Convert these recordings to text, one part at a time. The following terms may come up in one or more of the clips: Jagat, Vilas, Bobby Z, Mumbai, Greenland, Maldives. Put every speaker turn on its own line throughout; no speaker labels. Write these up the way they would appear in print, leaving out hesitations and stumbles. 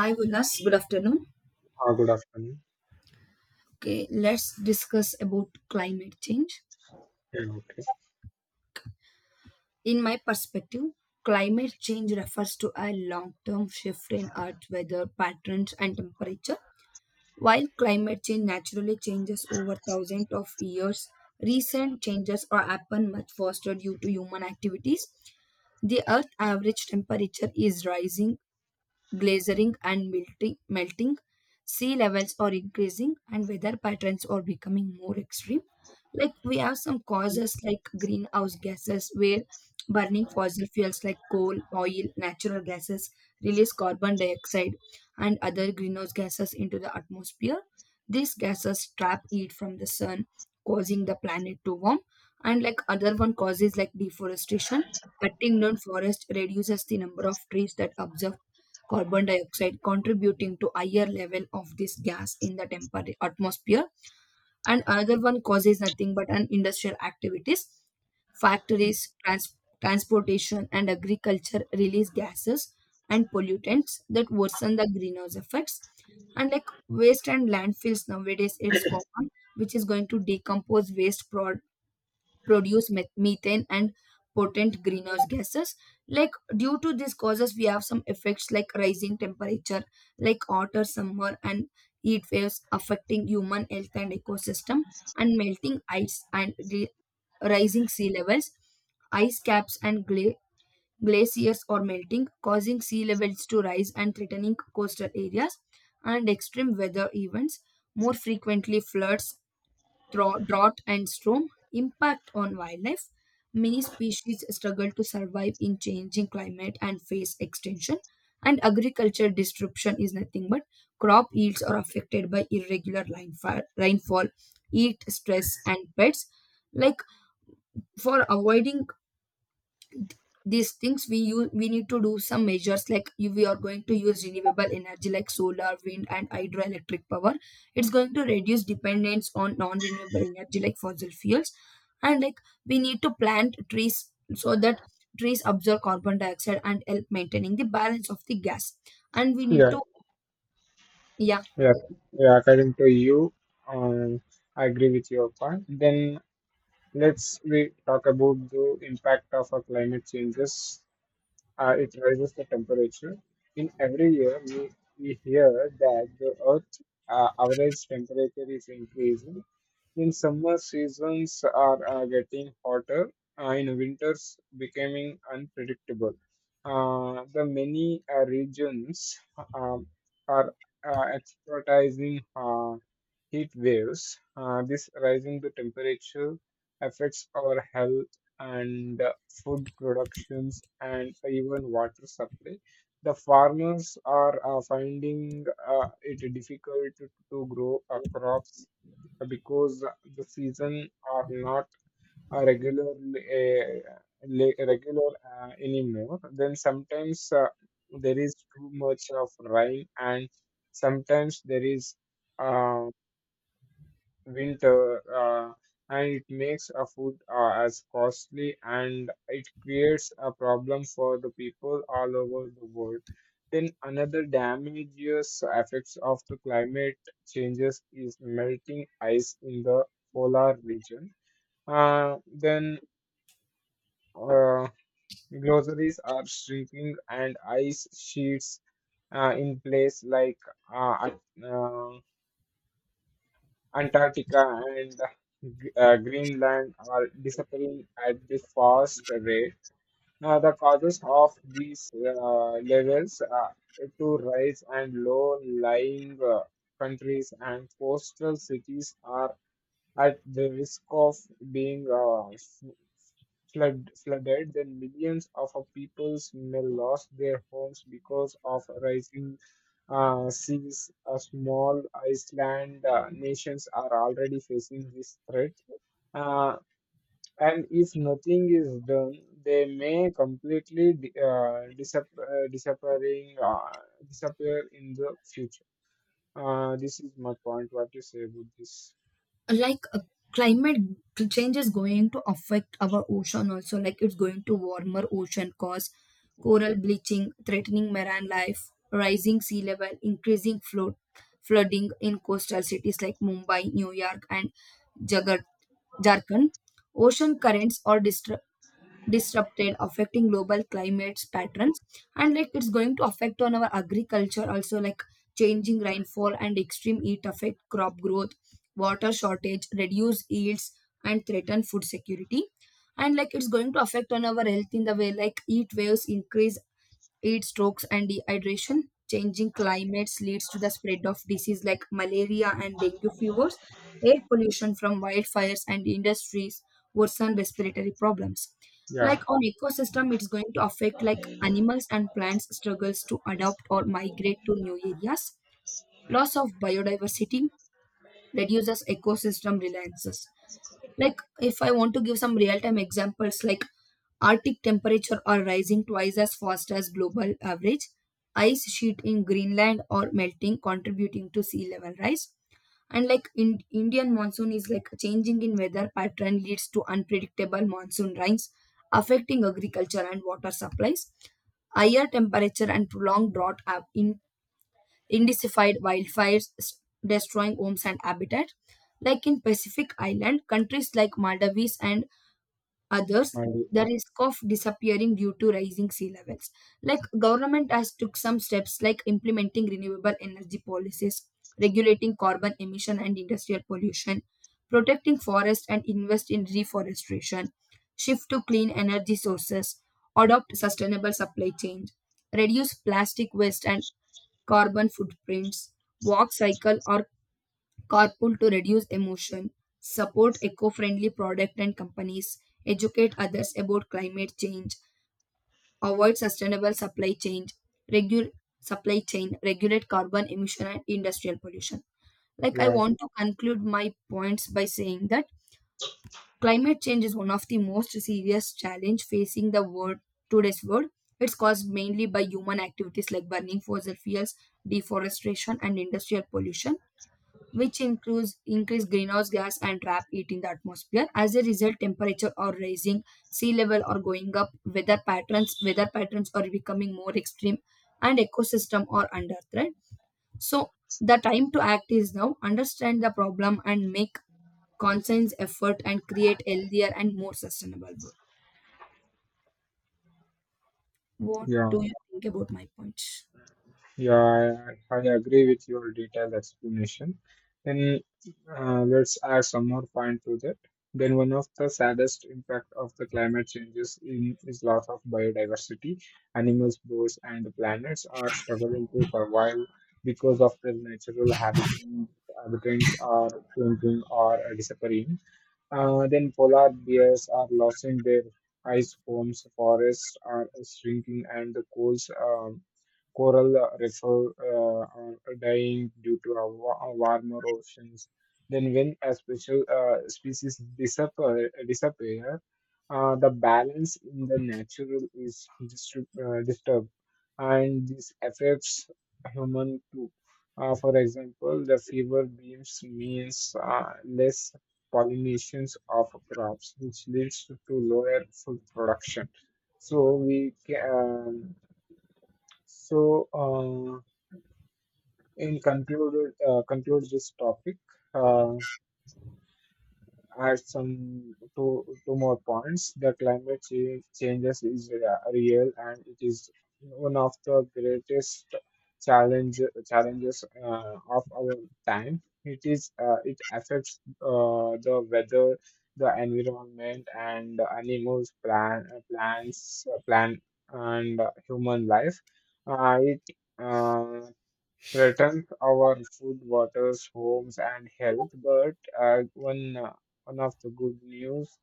Hi, Vilas. Good afternoon.
Ah, good afternoon.
Okay, let's discuss about climate change.
Yeah, okay.
In my perspective, climate change refers to a long-term shift in Earth weather patterns and temperature. While climate change naturally changes over thousands of years, recent changes are happen much faster due to human activities. The Earth average temperature is rising, glaciering and melting, sea levels are increasing, and weather patterns are becoming more extreme. Like, we have some causes like greenhouse gases, where burning fossil fuels like coal, oil, natural gases release carbon dioxide and other greenhouse gases into the atmosphere. These gases trap heat from the sun, causing the planet to warm. And like other one causes like deforestation, cutting down forest reduces the number of trees that absorb carbon dioxide, contributing to higher level of this gas in the atmosphere. And another one causes nothing but an industrial activities, factories, transportation and agriculture release gases and pollutants that worsen the greenhouse effects. And like waste and landfills, nowadays it's common, which is going to decompose waste product, produce methane and potent greenhouse gases. Like, due to these causes we have some effects like rising temperature, like hotter summer and heat waves affecting human health and ecosystem, and melting ice and the rising sea levels. Ice caps and glaciers are melting, causing sea levels to rise and threatening coastal areas, and extreme weather events, more frequently floods, drought and storm, impact on wildlife. Many species struggle to survive in changing climate and face extinction. And agriculture disruption is nothing but crop yields are affected by irregular rainfall, heat stress, and pests. Like, for avoiding these things we need to do some measures like, if we are going to use renewable energy like solar, wind and hydroelectric power, it's going to reduce dependence on non-renewable energy like fossil fuels. And like we need to plant trees, so that trees absorb carbon dioxide and help maintaining the balance of the gas, and we need
Yeah,
to, yeah,
yeah, yeah. According to you, um, I agree with your point. Then let's we talk about the impact of our climate changes. It raises the temperature. In every year, we hear that the Earth average temperature is increasing. In summer, seasons are getting hotter, in winters, becoming unpredictable. The many regions um are expertising heat waves. This rising the temperature affects our health and food productions and even water supply. The farmers are finding it difficult to grow crops because the season are not regular regular anymore. Then sometimes there is too much of rain and sometimes there is uh, winter, and it makes a food as costly, and it creates a problem for the people all over the world. Then another damages effects of the climate changes is melting ice in the polar region. Then uh, groceries are shrinking and ice sheets in place like uh, uh, Antarctica and Greenland are disappearing at the fast rate. Now, the causes of these levels are to rise, and low-lying countries and coastal cities are at the risk of being flooded. Then millions of our peoples may lost their homes because of rising seas. A small island nations are already facing this threat. Uh, and if nothing is done, they may completely disappear in the future. This is my point. What you say about this?
like, climate change is going to affect our ocean also, like it's going to warmer ocean cause coral bleaching, threatening marine life, rising sea level increasing flood, flooding in coastal cities like Mumbai, New York and Jagat, Jharkhand. Ocean currents or disrupted, affecting global climates patterns, and like it's going to affect on our agriculture also, like changing rainfall and extreme heat affect crop growth, water shortage, reduce yields, and threaten food security. And like it's going to affect on our health in the way, like heat waves increase heat strokes and dehydration. Changing climates leads to the spread of disease like malaria and dengue fevers. Air pollution from wildfires and industries worsen respiratory problems. Like,
Yeah,
on ecosystem it's going to affect like animals and plants struggles to adapt or migrate to new areas, loss of biodiversity reduces ecosystem reliances. Like, if I want to give some real time examples, like Arctic temperature are rising twice as fast as global average, ice sheet in Greenland are melting, contributing to sea level rise. And like in Indian monsoon is like changing in weather pattern leads to unpredictable monsoon rains, affecting agriculture and water supplies. Higher temperature and prolonged drought have intensified wildfires, destroying homes and habitat. Like in Pacific Island, countries like Maldives and others
my dear.
the risk of disappearing due to rising sea levels. Like, government has took some steps like implementing renewable energy policies, regulating carbon emission and industrial pollution, protecting forest and invest in reforestation, shift to clean energy sources, adopt sustainable supply chains, reduce plastic waste and carbon footprints, walk, cycle or carpool to reduce emotion, support eco friendly product and companies, educate others about climate change, avoid sustainable supply chain, regu- supply chain, regulate carbon emission and industrial pollution. Like, I
Yeah.
want to conclude my points by saying that climate change is one of the most serious challenge facing the world, today's world. It's caused mainly by human activities like burning fossil fuels, deforestation and industrial pollution, which includes increase greenhouse gas and trap it in the atmosphere. As a result, temperature are rising, sea level are going up, weather patterns are becoming more extreme, and ecosystem are under threat. So the time to act is now. Understand the problem and make conscious effort and create healthier and more sustainable world. What
Yeah,
do you think about my points?
yeah, I agree with your detailed explanation. Then let's add some more point to that. Then one of the saddest impact of the climate changes in is loss of biodiversity. Animals, birds, and the planets are struggling to survive because of their natural habitats are changing or disappearing. Then polar bears are losing their ice homes, forests are shrinking, and the coral reefs are dying due to a warmer oceans. Then, when a special disappear the balance in the natural is disturbed, and this affects human too. For example, the fever beams means less pollinations of crops, which leads to lower food production. So we can, so in conclude conclude this topic. Uh, Add some two more points. The climate change changes is real, and it is one of the greatest challenge challenges of our time. It is it affects the weather, the environment, and the animals, plant, and human life. It uh, threaten our food, waters, homes, and health. But one of the good news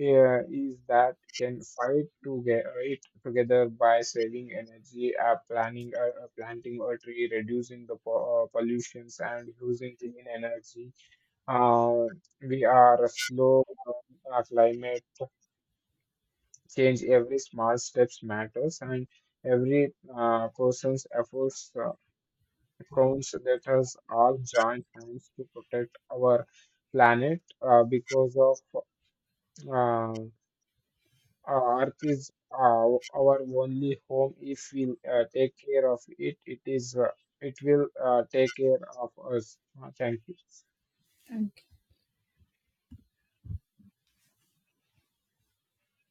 is that can fight to get it together by saving energy, planting a tree, reducing the pollutions, and using clean energy. Uh, we are a slow. Our climate change every small steps matters and every person's efforts accounts that has all joined hands to protect our planet because of uh, Earth is our only home. If we take care of it, it is it will take care of us. Thank you.
Okay.